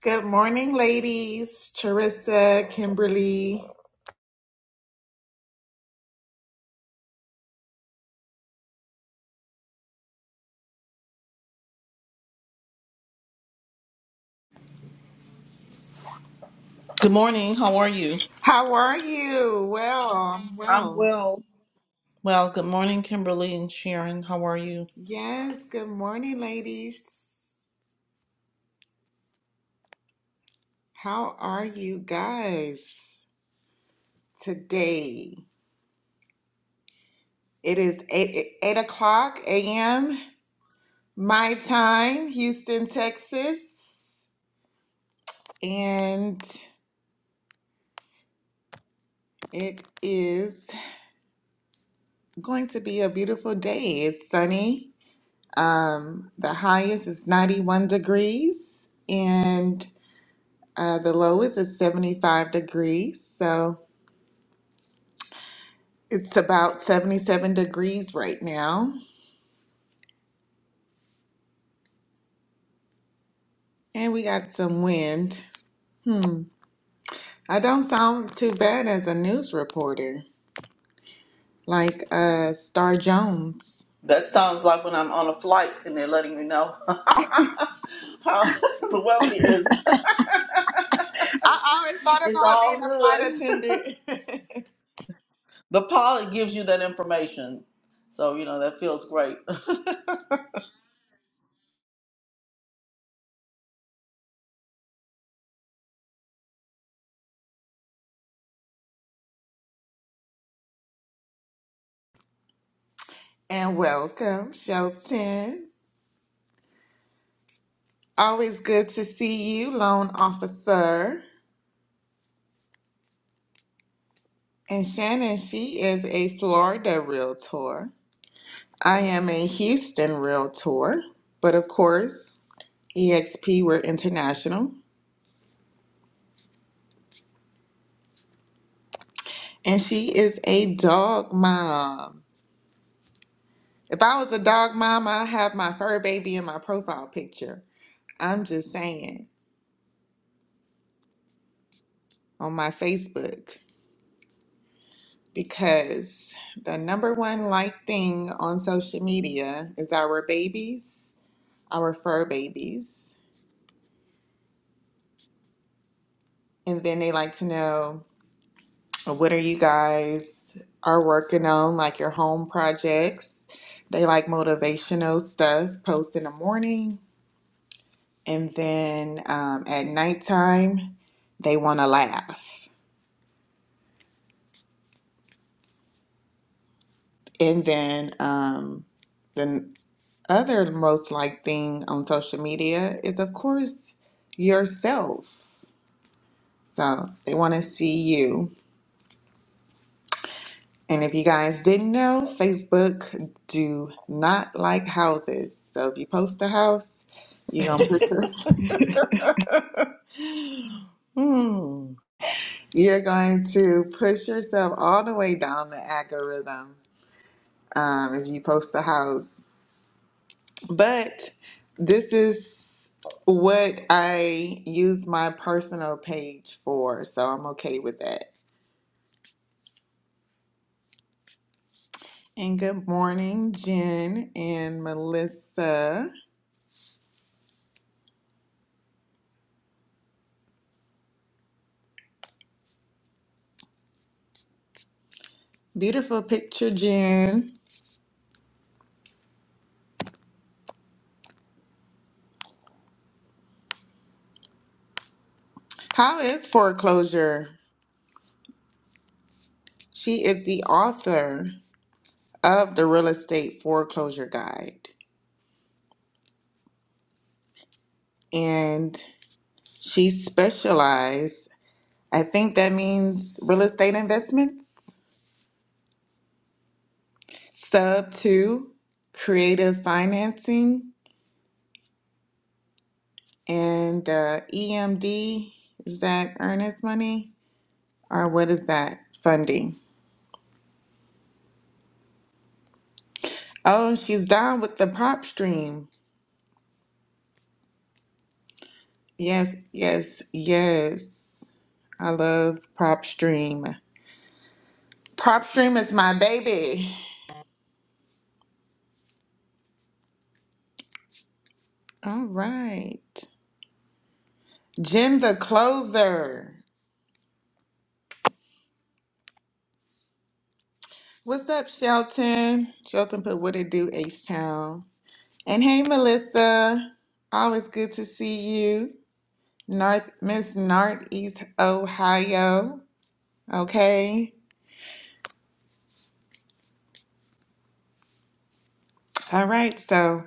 Good morning, ladies. Charissa, Kimberly. Good morning. How are you? How are you? Well, I'm I'm well. well. Well, good morning, Kimberly and Sharon. How are you? Yes, good morning, ladies. How are you guys today? It is 8, 8 o'clock a.m. my time, Houston, Texas. And it is going to be a beautiful day. It's sunny. Um, the highest is 91 degrees. and Uh, the low is at 75 degrees, so it's about 77 degrees right now. And we got some wind. Hmm. I don't sound too bad as a news reporter, like uh, Star Jones. That sounds like when I'm on a flight and they're letting you know how the weather here is. I always thought It's about being all a good. flight attendant. The pilot gives you that information. So, you know, that feels great. and welcome, Shelton. Always good to see you, loan officer. And Shannon, she is a Florida realtor. I am a Houston realtor, but of course, EXP, we're international. And she is a dog mom. If I was a dog mom, I'd have my fur baby in my profile picture. I'm just saying on my Facebook because the number one like thing on social media is our babies, our fur babies. And then they like to know What are you guys are working on, like your home projects? They like motivational stuff, post in the morning, and then um, at nighttime, they want to laugh. And then um, the other most liked thing on social media is, of course, yourself. So they want to see you. And if you guys didn't know, Facebook do not like houses. So if you post a house, you're gonna push your, hmm. you're going to push yourself all the way down the algorithm um, if you post a house. But this is what I use my personal page for, so I'm okay with that. And good morning, Jen and Melissa. Beautiful picture, Jen. How is foreclosure? She is the author of the Real Estate Foreclosure Guide, and she specializes, I think that means real estate investments, sub two, creative financing, and uh, EMD. Is that earnest money? Or what is that? Funding. Oh, she's down with the prop stream. Yes, yes, yes. I love prop stream. Prop stream is my baby. All right. Jim the Closer. What's up, Shelton? Shelton put what it do, H Town. And hey, Melissa. Always good to see you. North Miss Northeast Ohio. Okay. All right, so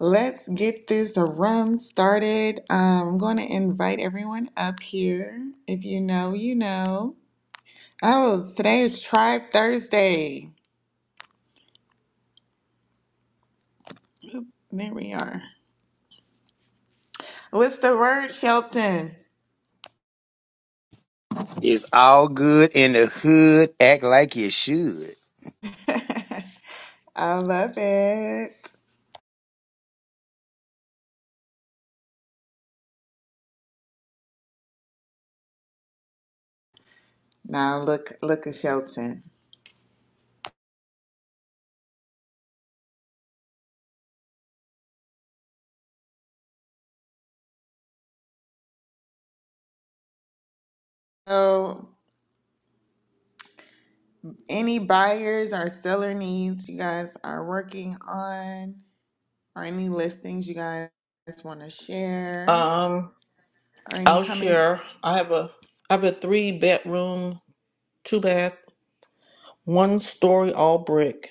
let's get this run started. Um, I'm going to invite everyone up here. If you know, you know. Oh, today is Tribe Thursday. There we are. What's the word, Shelton? It's all good in the hood. Act like you should. I love it. Now look, look at Shelton. So, any buyers or seller needs you guys are working on, or any listings you guys want to share, Um, or any I'll coming? share. I have a I have a three bedroom, two bath, one story all brick.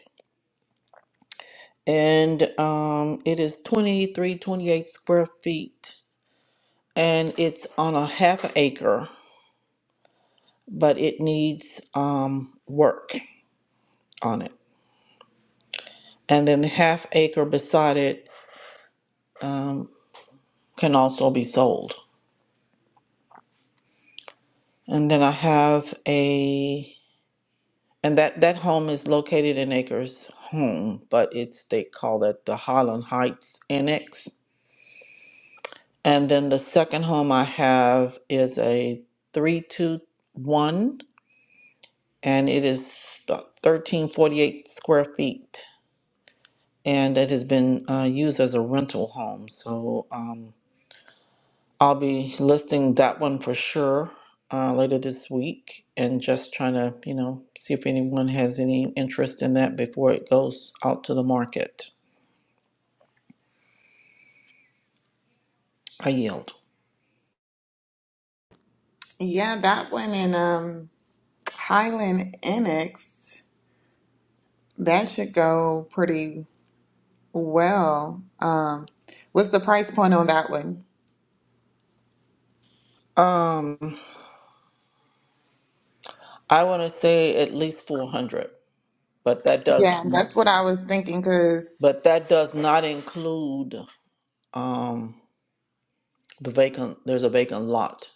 and um, it is 23, 28 square feet, and it's on a half an acre, but it needs um, work on it. And then the half acre beside it um, can also be sold. And then I have a, and that that home is located in Acres Home, but it's they call that the Highland Heights Annex. And then the second home I have is a three two one and it is thirteen forty-eight square feet, and it has been uh, used as a rental home. So um, I'll be listing that one for sure uh, later this week, and just trying to you know see if anyone has any interest in that before it goes out to the market. I yield. Yeah, that one in um Highland Annex that should go pretty well. Um, what's the price point on that one? Um, I want to say at least four hundred, but that does, Yeah, that's what I was thinking. because. but that does not include um the vacant. There's a vacant lot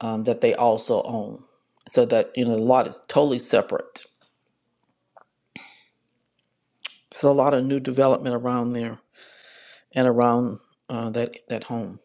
um, that they also own. So that you know the lot is totally separate. So a lot of new development around there and around uh, that that home.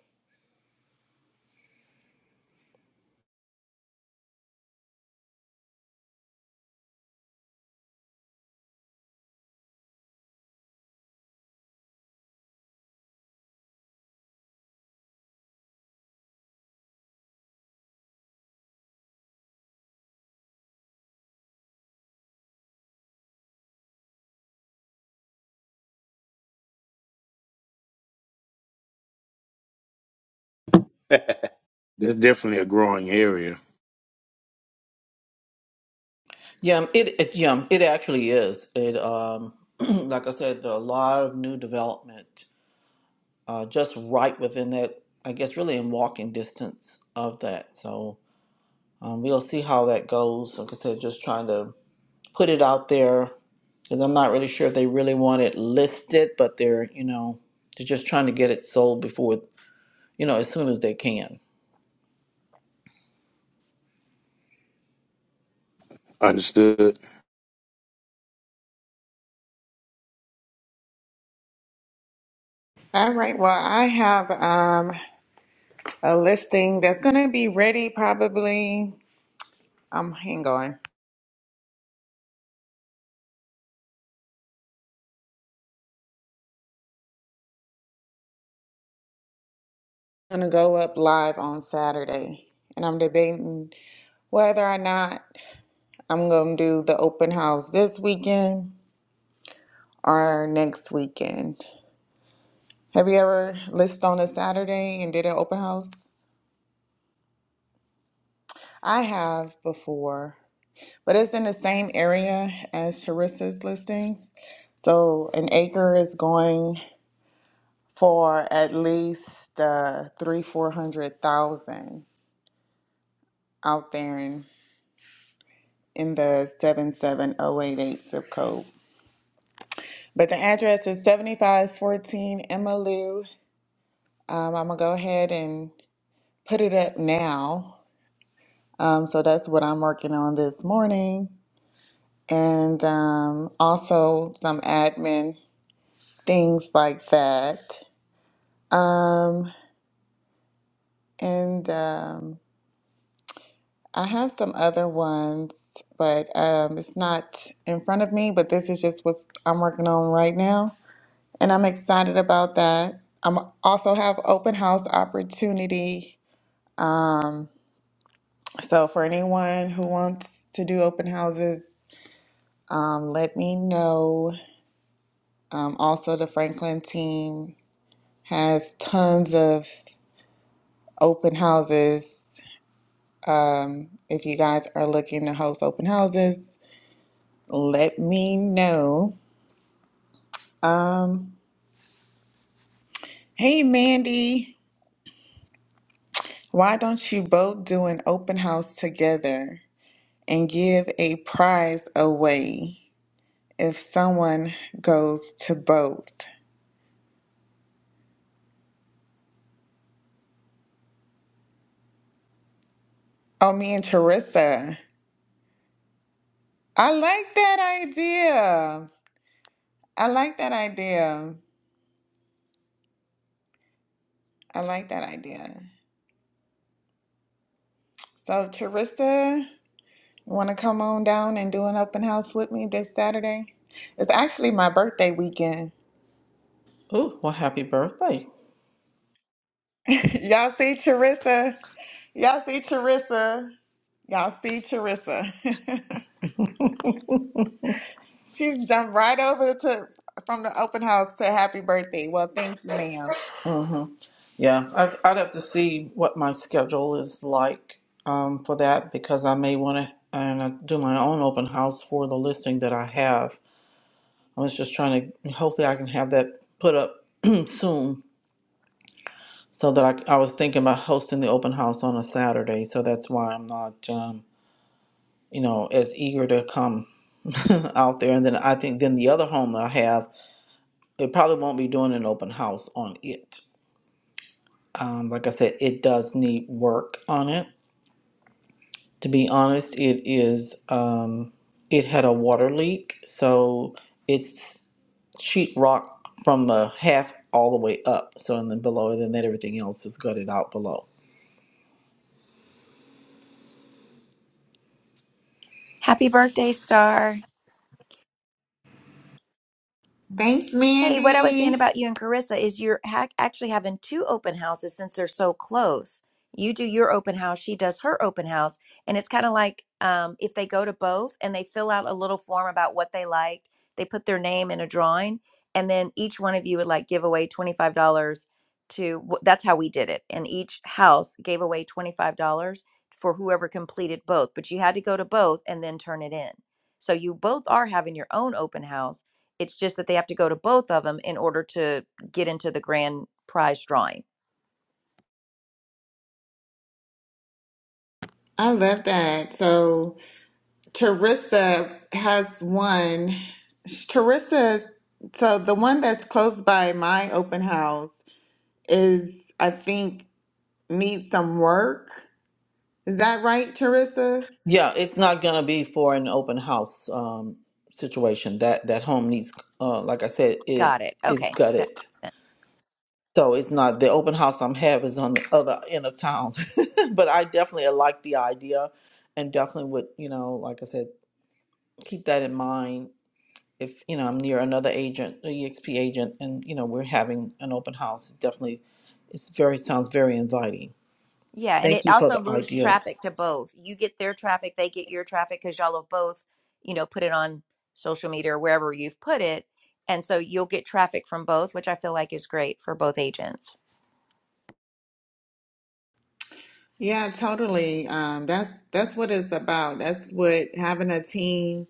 That's definitely a growing area. Yeah, um, it, it yeah um, it actually is. It um, like I said, there are a lot of new development uh, just right within that. I guess really in walking distance of that. So um, we'll see how that goes. Like I said, just trying to put it out there because I'm not really sure if they really want it listed, but they're, you know, they're just trying to get it sold before, you know, as soon as they can. Understood. All right. Well, I have um, a listing that's going to be ready probably. Um, hang on. I'm going to go up live on Saturday. And I'm debating whether or not I'm going to do the open house this weekend or next weekend. Have you ever listed on a Saturday and did an open house? I have before, but it's in the same area as Sharissa's listing. So an acre is going. for at least uh, three, four hundred thousand out there in, in the 77088 zip code. But the address is 7514 Emmylou. Um, I'm going to go ahead and put it up now. Um, so that's what I'm working on this morning. And um, also some admin things like that. Um, and um, I have some other ones, but um, it's not in front of me. But this is just what I'm working on right now, and I'm excited about that. i also have open house opportunity. Um, so for anyone who wants to do open houses, um, let me know. Um, also, the Franklin team has tons of open houses. Um, if you guys are looking to host open houses, let me know. Um, hey Mandy, why don't you both do an open house together and give a prize away if someone goes to both? Oh, me and Teresa. I like that idea. I like that idea. I like that idea. So, Teresa, you want to come on down and do an open house with me this Saturday? It's actually my birthday weekend. Oh, well, happy birthday. Y'all see Teresa? Y'all see Teresa? Y'all see Charissa. She's jumped right over to from the open house to happy birthday. Well, thank you, ma'am. hmm Yeah, I'd, I'd have to see what my schedule is like um, for that because I may want to and I do my own open house for the listing that I have. I was just trying to, hopefully, I can have that put up soon so that I, I was thinking about hosting the open house on a Saturday. So that's why I'm not. um, you know, as eager to come out there. And then I think then the other home that I have, it probably won't be doing an open house on it. Um, like I said, it does need work on it. To be honest, it is um, it had a water leak, so it's sheetrock from the half all the way up. So and then below, and then everything else is gutted out below. Happy birthday, Star. Thanks, Hey, what I was saying about Mandy. you and Carissa is you're ha- actually having two open houses since they're so close. You do your open house, she does her open house, and it's kind of like um, if they go to both and they fill out a little form about what they liked, they put their name in a drawing, and then each one of you would like give away $25 to wh- that's how we did it. And each house gave away $25 for whoever completed both, but you had to go to both and then turn it in. So you both are having your own open house it's just that they have to go to both of them in order to get into the grand prize drawing. I love that. So Charissa has one. Charissa, so the one that's close by my open house is I think needs some work. Is that right, Charissa? Yeah, it's not gonna be for an open house um, situation. That that home needs, uh, like I said, Got it it. it's Okay. That, gutted. that- So it's not the open house I'm have is on the other end of town. but I definitely like the idea, and definitely would you know, like I said, keep that in mind. If you know I'm near another agent, an EXP agent, and you know we're having an open house, definitely, it's very sounds very inviting. yeah, and it Thank you for the also moves idea. traffic to both. You get their traffic, they get your traffic because y'all have both, you know, put it on social media or wherever you've put it. And so you'll get traffic from both, which I feel like is great for both agents. Yeah, totally. Um, that's that's what it's about. That's what having a team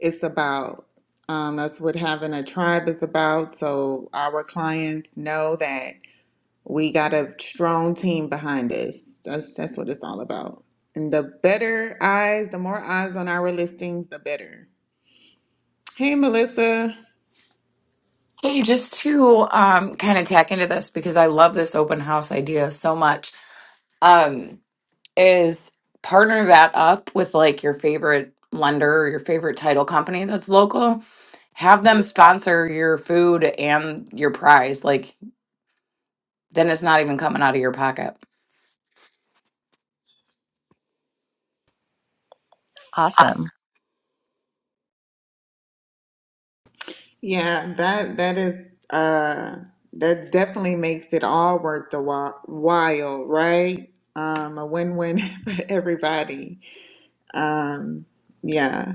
is about. Um, that's what having a tribe is about. So our clients know that we got a strong team behind us. That's that's what it's all about. And the better eyes, the more eyes on our listings, the better. Hey, Melissa. Hey, just to um, kind of tack into this because I love this open house idea so much, um, is partner that up with like your favorite lender or your favorite title company that's local. Have them sponsor your food and your prize. Like, then it's not even coming out of your pocket. Awesome. Yeah, that that is uh that definitely makes it all worth the wa- while, right? Um, a win-win for everybody. Um, yeah.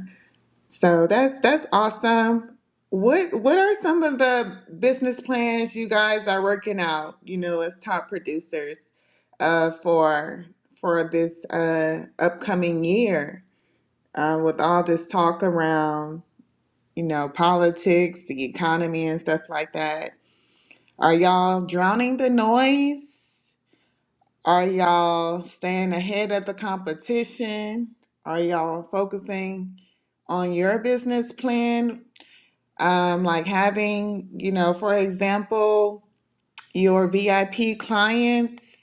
So that's that's awesome. What what are some of the business plans you guys are working out, you know, as top producers uh for for this uh upcoming year uh with all this talk around you know, politics, the economy, and stuff like that. Are y'all drowning the noise? Are y'all staying ahead of the competition? Are y'all focusing on your business plan? Um, like having, you know, for example, your VIP clients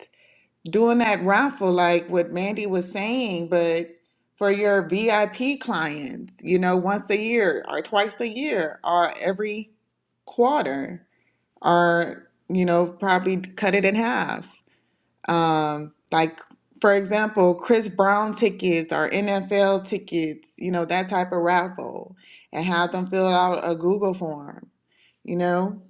doing that raffle like what Mandy was saying, but for your VIP clients, you know, once a year or twice a year or every quarter or, you know, probably cut it in half. Um, like, for example, Chris Brown tickets or NFL tickets, you know, that type of raffle and have them fill out a Google form, you know,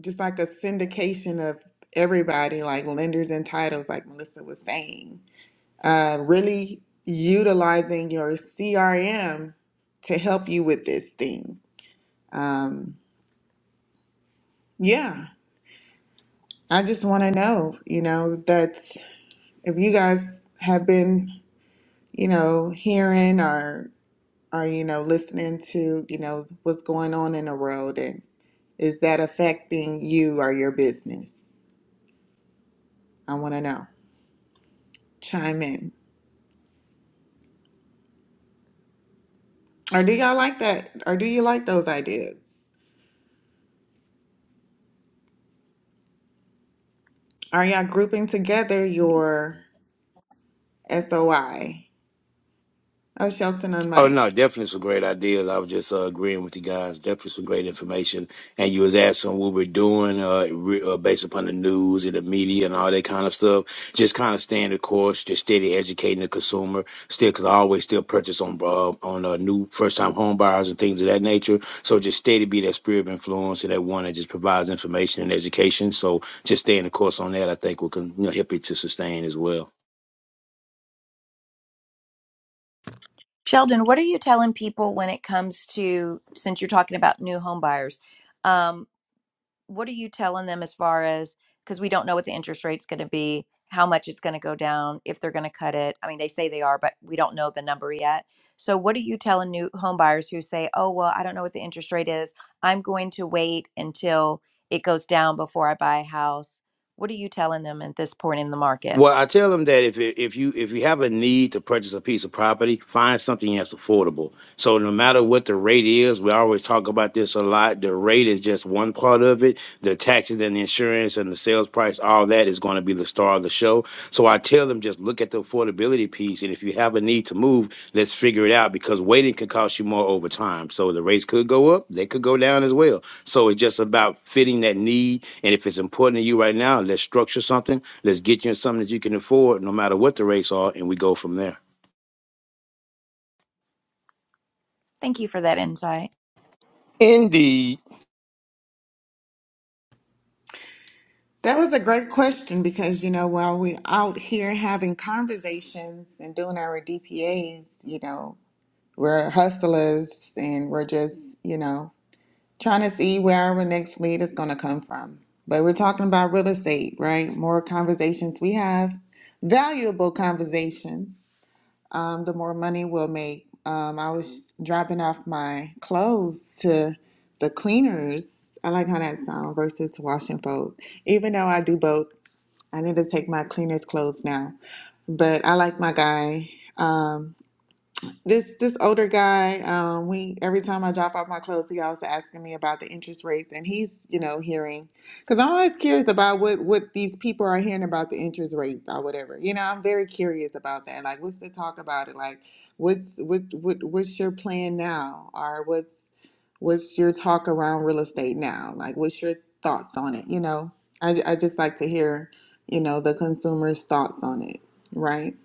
just like a syndication of everybody, like lenders and titles, like Melissa was saying uh, really utilizing your CRM to help you with this thing. Um, yeah, I just want to know, you know, that if you guys have been, you know, hearing or or you know listening to, you know, what's going on in the world, and is that affecting you or your business? I want to know. Chime in. Or do y'all like that? Or do you like those ideas? Are y'all grouping together your SOI? Oh, Shelton on Oh Mike. no, definitely some great ideas. I was just uh, agreeing with you guys. Definitely some great information. And you was asking what we're doing, uh, re- uh, based upon the news and the media and all that kind of stuff. Just kind of staying the course, just steady educating the consumer. Still, because I always still purchase on uh, on uh, new first time home buyers and things of that nature. So just steady be that spirit of influence and that one that just provides information and education. So just staying the course on that, I think will con- you know, help it to sustain as well. Sheldon, what are you telling people when it comes to, since you're talking about new home buyers? um, what are you telling them as far as because we don't know what the interest rate's going to be how much it's going to go down if they're going to cut it i mean they say they are but we don't know the number yet so what are you telling new home buyers who say oh well i don't know what the interest rate is i'm going to wait until it goes down before i buy a house what are you telling them at this point in the market Well, I tell them that if it, if you if you have a need to purchase a piece of property, find something that's affordable. So no matter what the rate is, we always talk about this a lot. The rate is just one part of it. The taxes and the insurance and the sales price, all that is going to be the star of the show. So I tell them just look at the affordability piece, and if you have a need to move, let's figure it out because waiting could cost you more over time. So the rates could go up, they could go down as well. So it's just about fitting that need, and if it's important to you right now, let's structure something Let's get you in something that you can afford, no matter what the rates are, and we go from there. thank you for that insight Indeed. That was a great question because, you know, while we're out here having conversations and doing our DPAs, you know, we're hustlers and we're just, you know, trying to see where our next lead is going to come from. But we're talking about real estate, right? More conversations we have, valuable conversations um, the more money we'll make. Um, I was dropping off my clothes to the cleaners. I like how that sounds versus wash and fold. Even though I do both, I need to take my cleaners' clothes now. But I like my guy. Um, this this older guy, um, we every time I drop off my clothes, he also asking me about the interest rates, and he's you know hearing because I'm always curious about what what these people are hearing about the interest rates or whatever. You know, I'm very curious about that. Like, what's the talk about it? Like, what's what what what's your plan now, or what's what's your talk around real estate now? Like, what's your thoughts on it? You know, I I just like to hear you know the consumer's thoughts on it, right?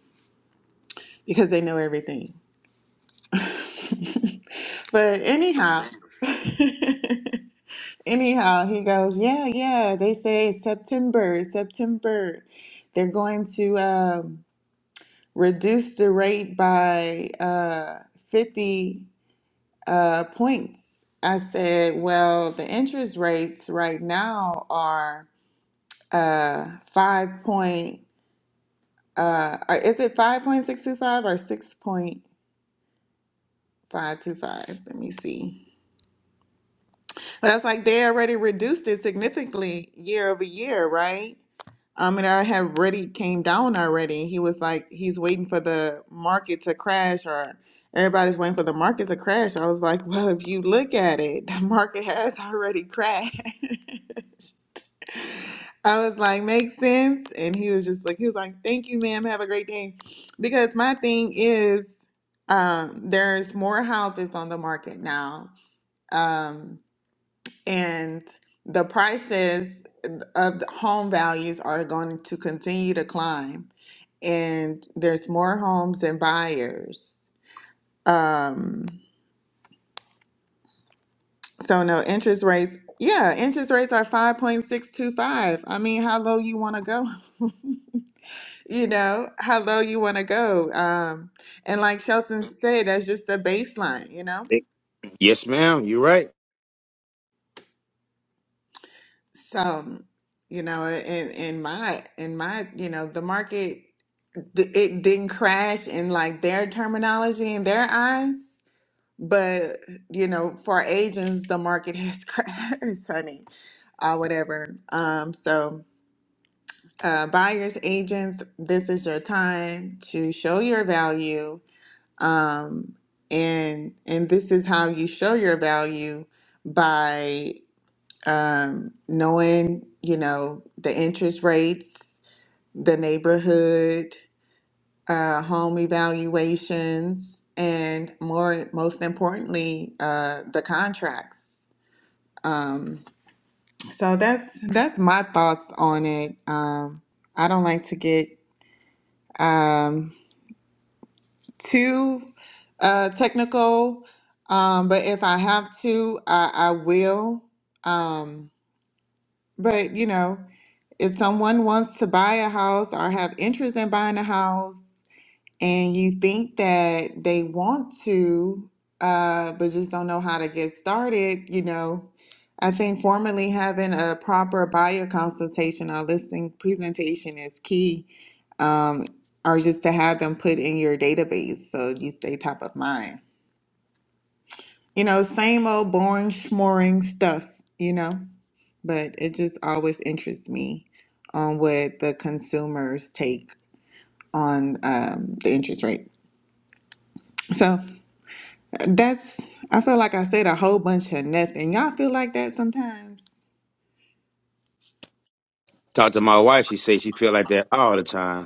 Because they know everything. But anyhow, anyhow, he goes, yeah, yeah. They say September, September, they're going to um, reduce the rate by uh, 50 uh, points. I said, well, the interest rates right now are uh, five point. Uh, or is it five point six two five or six point five two five? Let me see. But I was like, they already reduced it significantly year over year, right? Um, and I had already came down already. He was like, he's waiting for the market to crash, or everybody's waiting for the market to crash. I was like, well, if you look at it, the market has already crashed. I was like, makes sense. And he was just like, he was like, thank you, ma'am. Have a great day. Because my thing is, um, there's more houses on the market now. Um, and the prices of the home values are going to continue to climb and there's more homes and buyers um so no interest rates yeah interest rates are 5.625 i mean how low you want to go you know how low you want to go um and like shelton said that's just the baseline you know Yes, ma'am. You're right. so you know in in my in my you know the market d- it didn't crash in like their terminology in their eyes but you know for agents the market has crashed honey uh, whatever um so uh, buyers agents this is your time to show your value um and and this is how you show your value by um knowing you know the interest rates the neighborhood uh, home evaluations, and more, most importantly, uh, the contracts. Um, so that's that's my thoughts on it. Um, I don't like to get um, too uh, technical, um, but if I have to, I, I will. Um, but you know, if someone wants to buy a house or have interest in buying a house, and you think that they want to, uh, but just don't know how to get started, you know, I think formally having a proper buyer consultation or listing presentation is key, um, or just to have them put in your database so you stay top of mind. You know, same old boring, schmoring stuff, you know, but it just always interests me on what the consumers take on um, the interest rate. So, That's I feel like I said a whole bunch of nothing. Y'all feel like that sometimes? Talk to my wife. She says she feel like that all the time.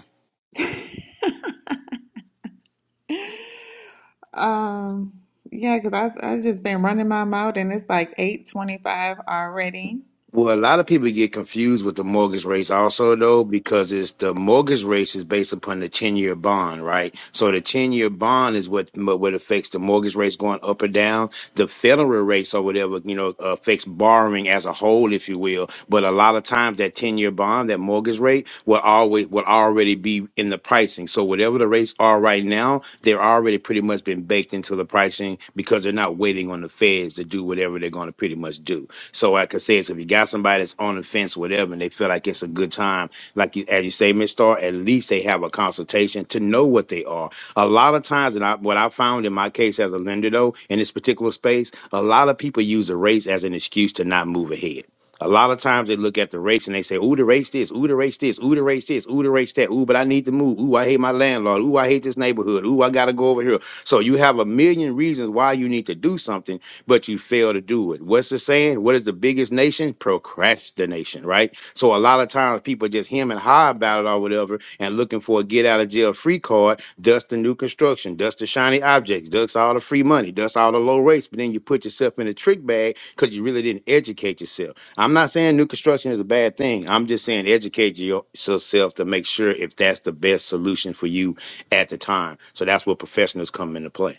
Um, yeah, 'cause I've I've just been running my mouth and it's like 8:25 already. Well, a lot of people get confused with the mortgage rates also though, because it's the mortgage rate is based upon the 10 year bond, right? So the 10 year bond is what, what affects the mortgage rates going up or down. The federal rates or whatever, you know, affects borrowing as a whole, if you will. But a lot of times that 10 year bond, that mortgage rate will always, will already be in the pricing. So whatever the rates are right now, they're already pretty much been baked into the pricing because they're not waiting on the feds to do whatever they're going to pretty much do. So like I said, so if you got somebody that's on the fence, whatever, and they feel like it's a good time, like you, as you say, Miss Star, at least they have a consultation to know what they are. A lot of times, and I, what I found in my case as a lender though, in this particular space, a lot of people use the race as an excuse to not move ahead. A lot of times they look at the race and they say, ooh, the race this, ooh, the race this, ooh, the race this, ooh, the race that, ooh, but I need to move, ooh, I hate my landlord, ooh, I hate this neighborhood, ooh, I gotta go over here. So you have a million reasons why you need to do something but you fail to do it. What's the saying? What is the biggest nation? Procrastination, right? So a lot of times people just him and high about it or whatever and looking for a get out of jail free card, dust the new construction, dust the shiny objects, dust all the free money, dust all the low rates, but then you put yourself in a trick bag because you really didn't educate yourself. I'm not saying new construction is a bad thing. I'm just saying educate your- yourself to make sure if that's the best solution for you at the time. So that's where professionals come into play.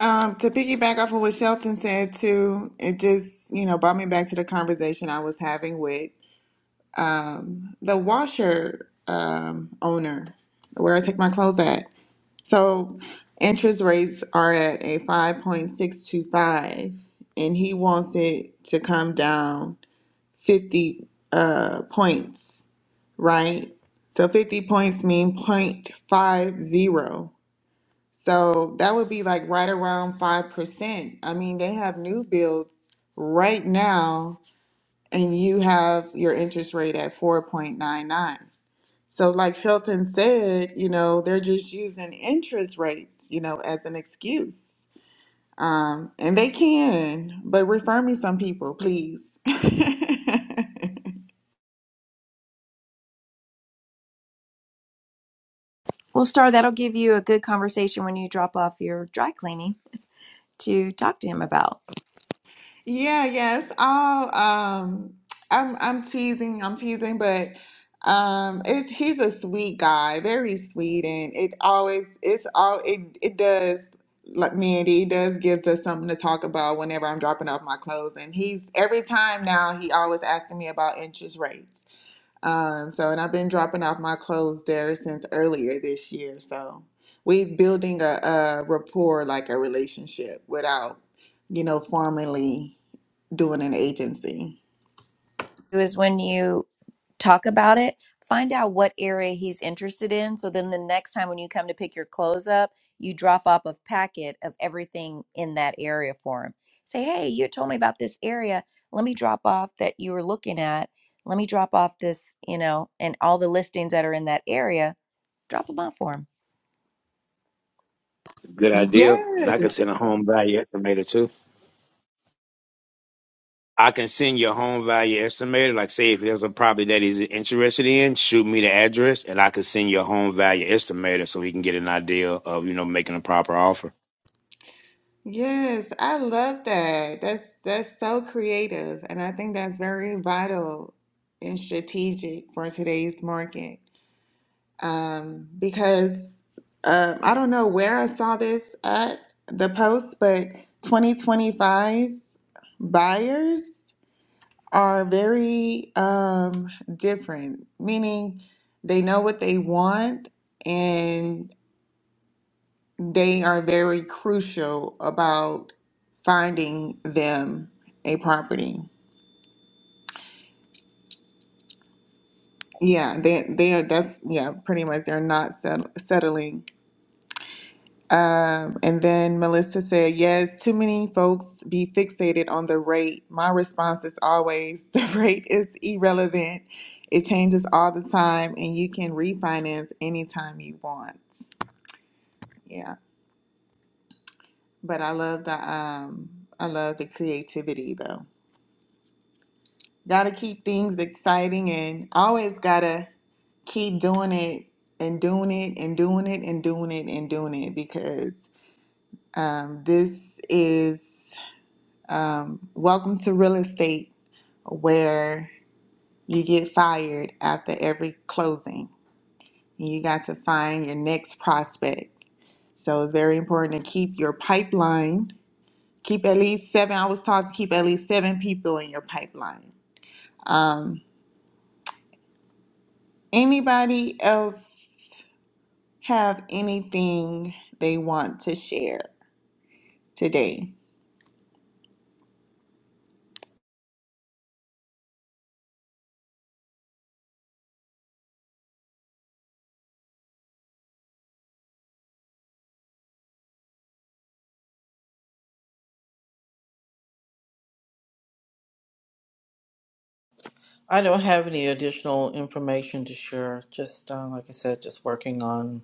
Um, to piggyback off of what Shelton said too, it just, you know, brought me back to the conversation I was having with um the washer um owner where I take my clothes at. So interest rates are at a 5.625 and he wants it to come down 50 uh, points, right? So 50 points mean point five zero. So that would be like right around 5%. I mean, they have new builds right now, and you have your interest rate at 4.99. So, like Shelton said, you know, they're just using interest rates, you know, as an excuse. Um, and they can, but refer me some people, please. well star that'll give you a good conversation when you drop off your dry cleaning to talk to him about Yeah, yes. I'll um I'm I'm teasing, I'm teasing, but um it's he's a sweet guy, very sweet and it always it's all it it does like Mandy, it does gives us something to talk about whenever I'm dropping off my clothes and he's every time now he always asking me about interest rates. Um so and I've been dropping off my clothes there since earlier this year. So we building a, a rapport like a relationship without, you know, formally doing an agency. is when you talk about it, find out what area he's interested in. So then the next time when you come to pick your clothes up, you drop off a packet of everything in that area for him. Say, hey, you told me about this area. Let me drop off that you were looking at. Let me drop off this, you know, and all the listings that are in that area. Drop them off for him. Good idea. And Yes, I can send a home value estimator too. I can send your home value estimator. Like say if there's a property that he's interested in, shoot me the address and I can send you a home value estimator so he can get an idea of, you know, making a proper offer. yes, I love that. That's that's so creative, and I think that's very vital and strategic for today's market. Um, because um, I don't know where I saw this at the post, but 2025 buyers are very um different, meaning they know what they want and. They are very crucial about finding them a property. Yeah, they they are. That's yeah, pretty much. They're not sett- settling. Um, and then Melissa said, "Yes, too many folks be fixated on the rate." My response is always, "The rate is irrelevant. It changes all the time, and you can refinance anytime you want." Yeah, but I love the um, I love the creativity though. Gotta keep things exciting and always gotta keep doing it and doing it and doing it and doing it and doing it because um, this is um, welcome to real estate where you get fired after every closing and you got to find your next prospect. So it's very important to keep your pipeline, keep at least seven, I was taught to keep at least seven people in your pipeline. Um, Anybody else have anything they want to share today? I don't have any additional information to share. Just uh, like I said, just working on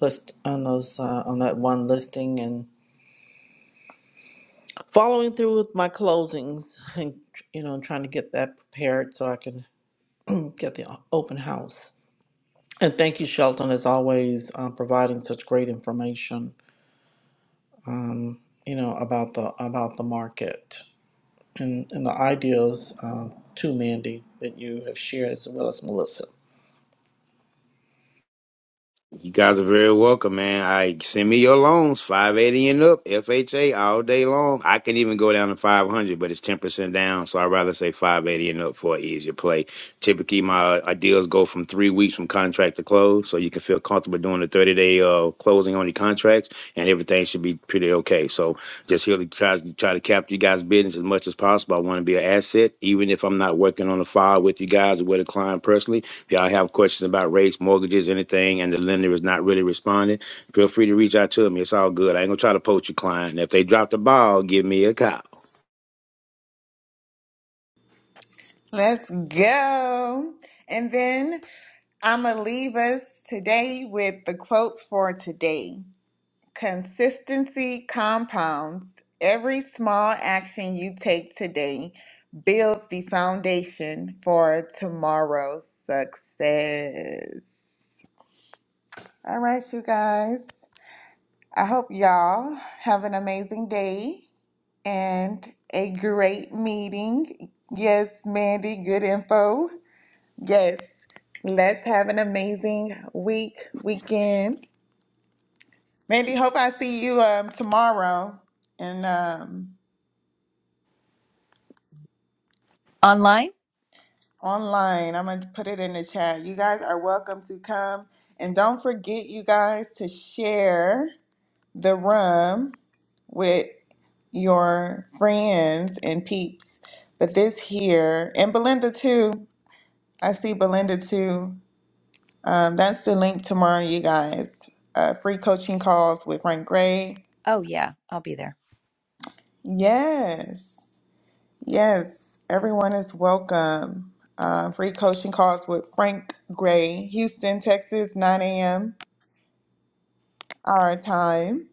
list on those uh, on that one listing and following through with my closings, and you know, trying to get that prepared so I can get the o- open house. And thank you, Shelton, as always, uh, providing such great information. You know about the about the market and and the ideas uh, too, Mandy, that you have shared as well as Melissa. You guys are very welcome, man. I send me your loans, five eighty and up, FHA all day long. I can even go down to five hundred, but it's ten percent down, so I'd rather say five eighty and up for an easier play. Typically, my uh, deals go from three weeks from contract to close, so you can feel comfortable doing the thirty day uh, closing on your contracts, and everything should be pretty okay. So just here to try try to capture you guys' business as much as possible. I want to be an asset, even if I'm not working on the file with you guys or with a client personally. If y'all have questions about rates, mortgages, anything, and the lender is not really responding, feel free to reach out to me. It's all good. I ain't gonna try to poach your client. If they drop the ball, give me a call. Let's go. And then I'm going to leave us today with the quote for today Consistency compounds. Every small action you take today builds the foundation for tomorrow's success. All right, you guys. I hope y'all have an amazing day. and a great meeting. Yes, Mandy, good info. Yes, let's have an amazing week, weekend. Mandy, hope I see you um, tomorrow and um, Online? online. I'm going to put it in the chat. You guys are welcome to come. And don't forget, you guys, to share the room with your friends and peeps. But this here, and Belinda too. I see Belinda too. Um, that's the link tomorrow, you guys. Uh, free coaching calls with Frank Gray. Oh, yeah, I'll be there. Yes, yes, everyone is welcome. Uh, free coaching calls with Frank Gray, Houston, Texas, 9 a.m. our time.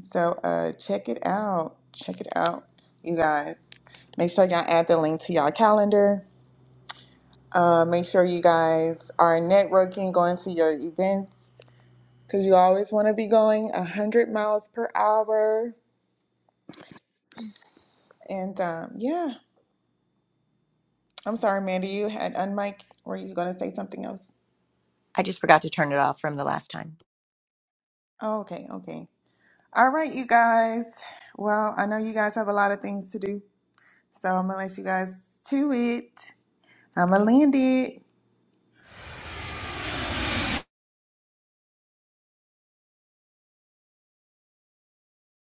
So uh, check it out. Check it out, you guys. Make sure y'all add the link to y'all calendar. Uh, make sure you guys are networking, going to your events because you always want to be going 100 miles per hour. And um, yeah, I'm sorry, Mandy, you had unmiked. Were you going to say something else? I just forgot to turn it off from the last time. Oh, okay, okay. All right, you guys. Well, I know you guys have a lot of things to do, so I'm going to let you guys to it. I'm going to land it.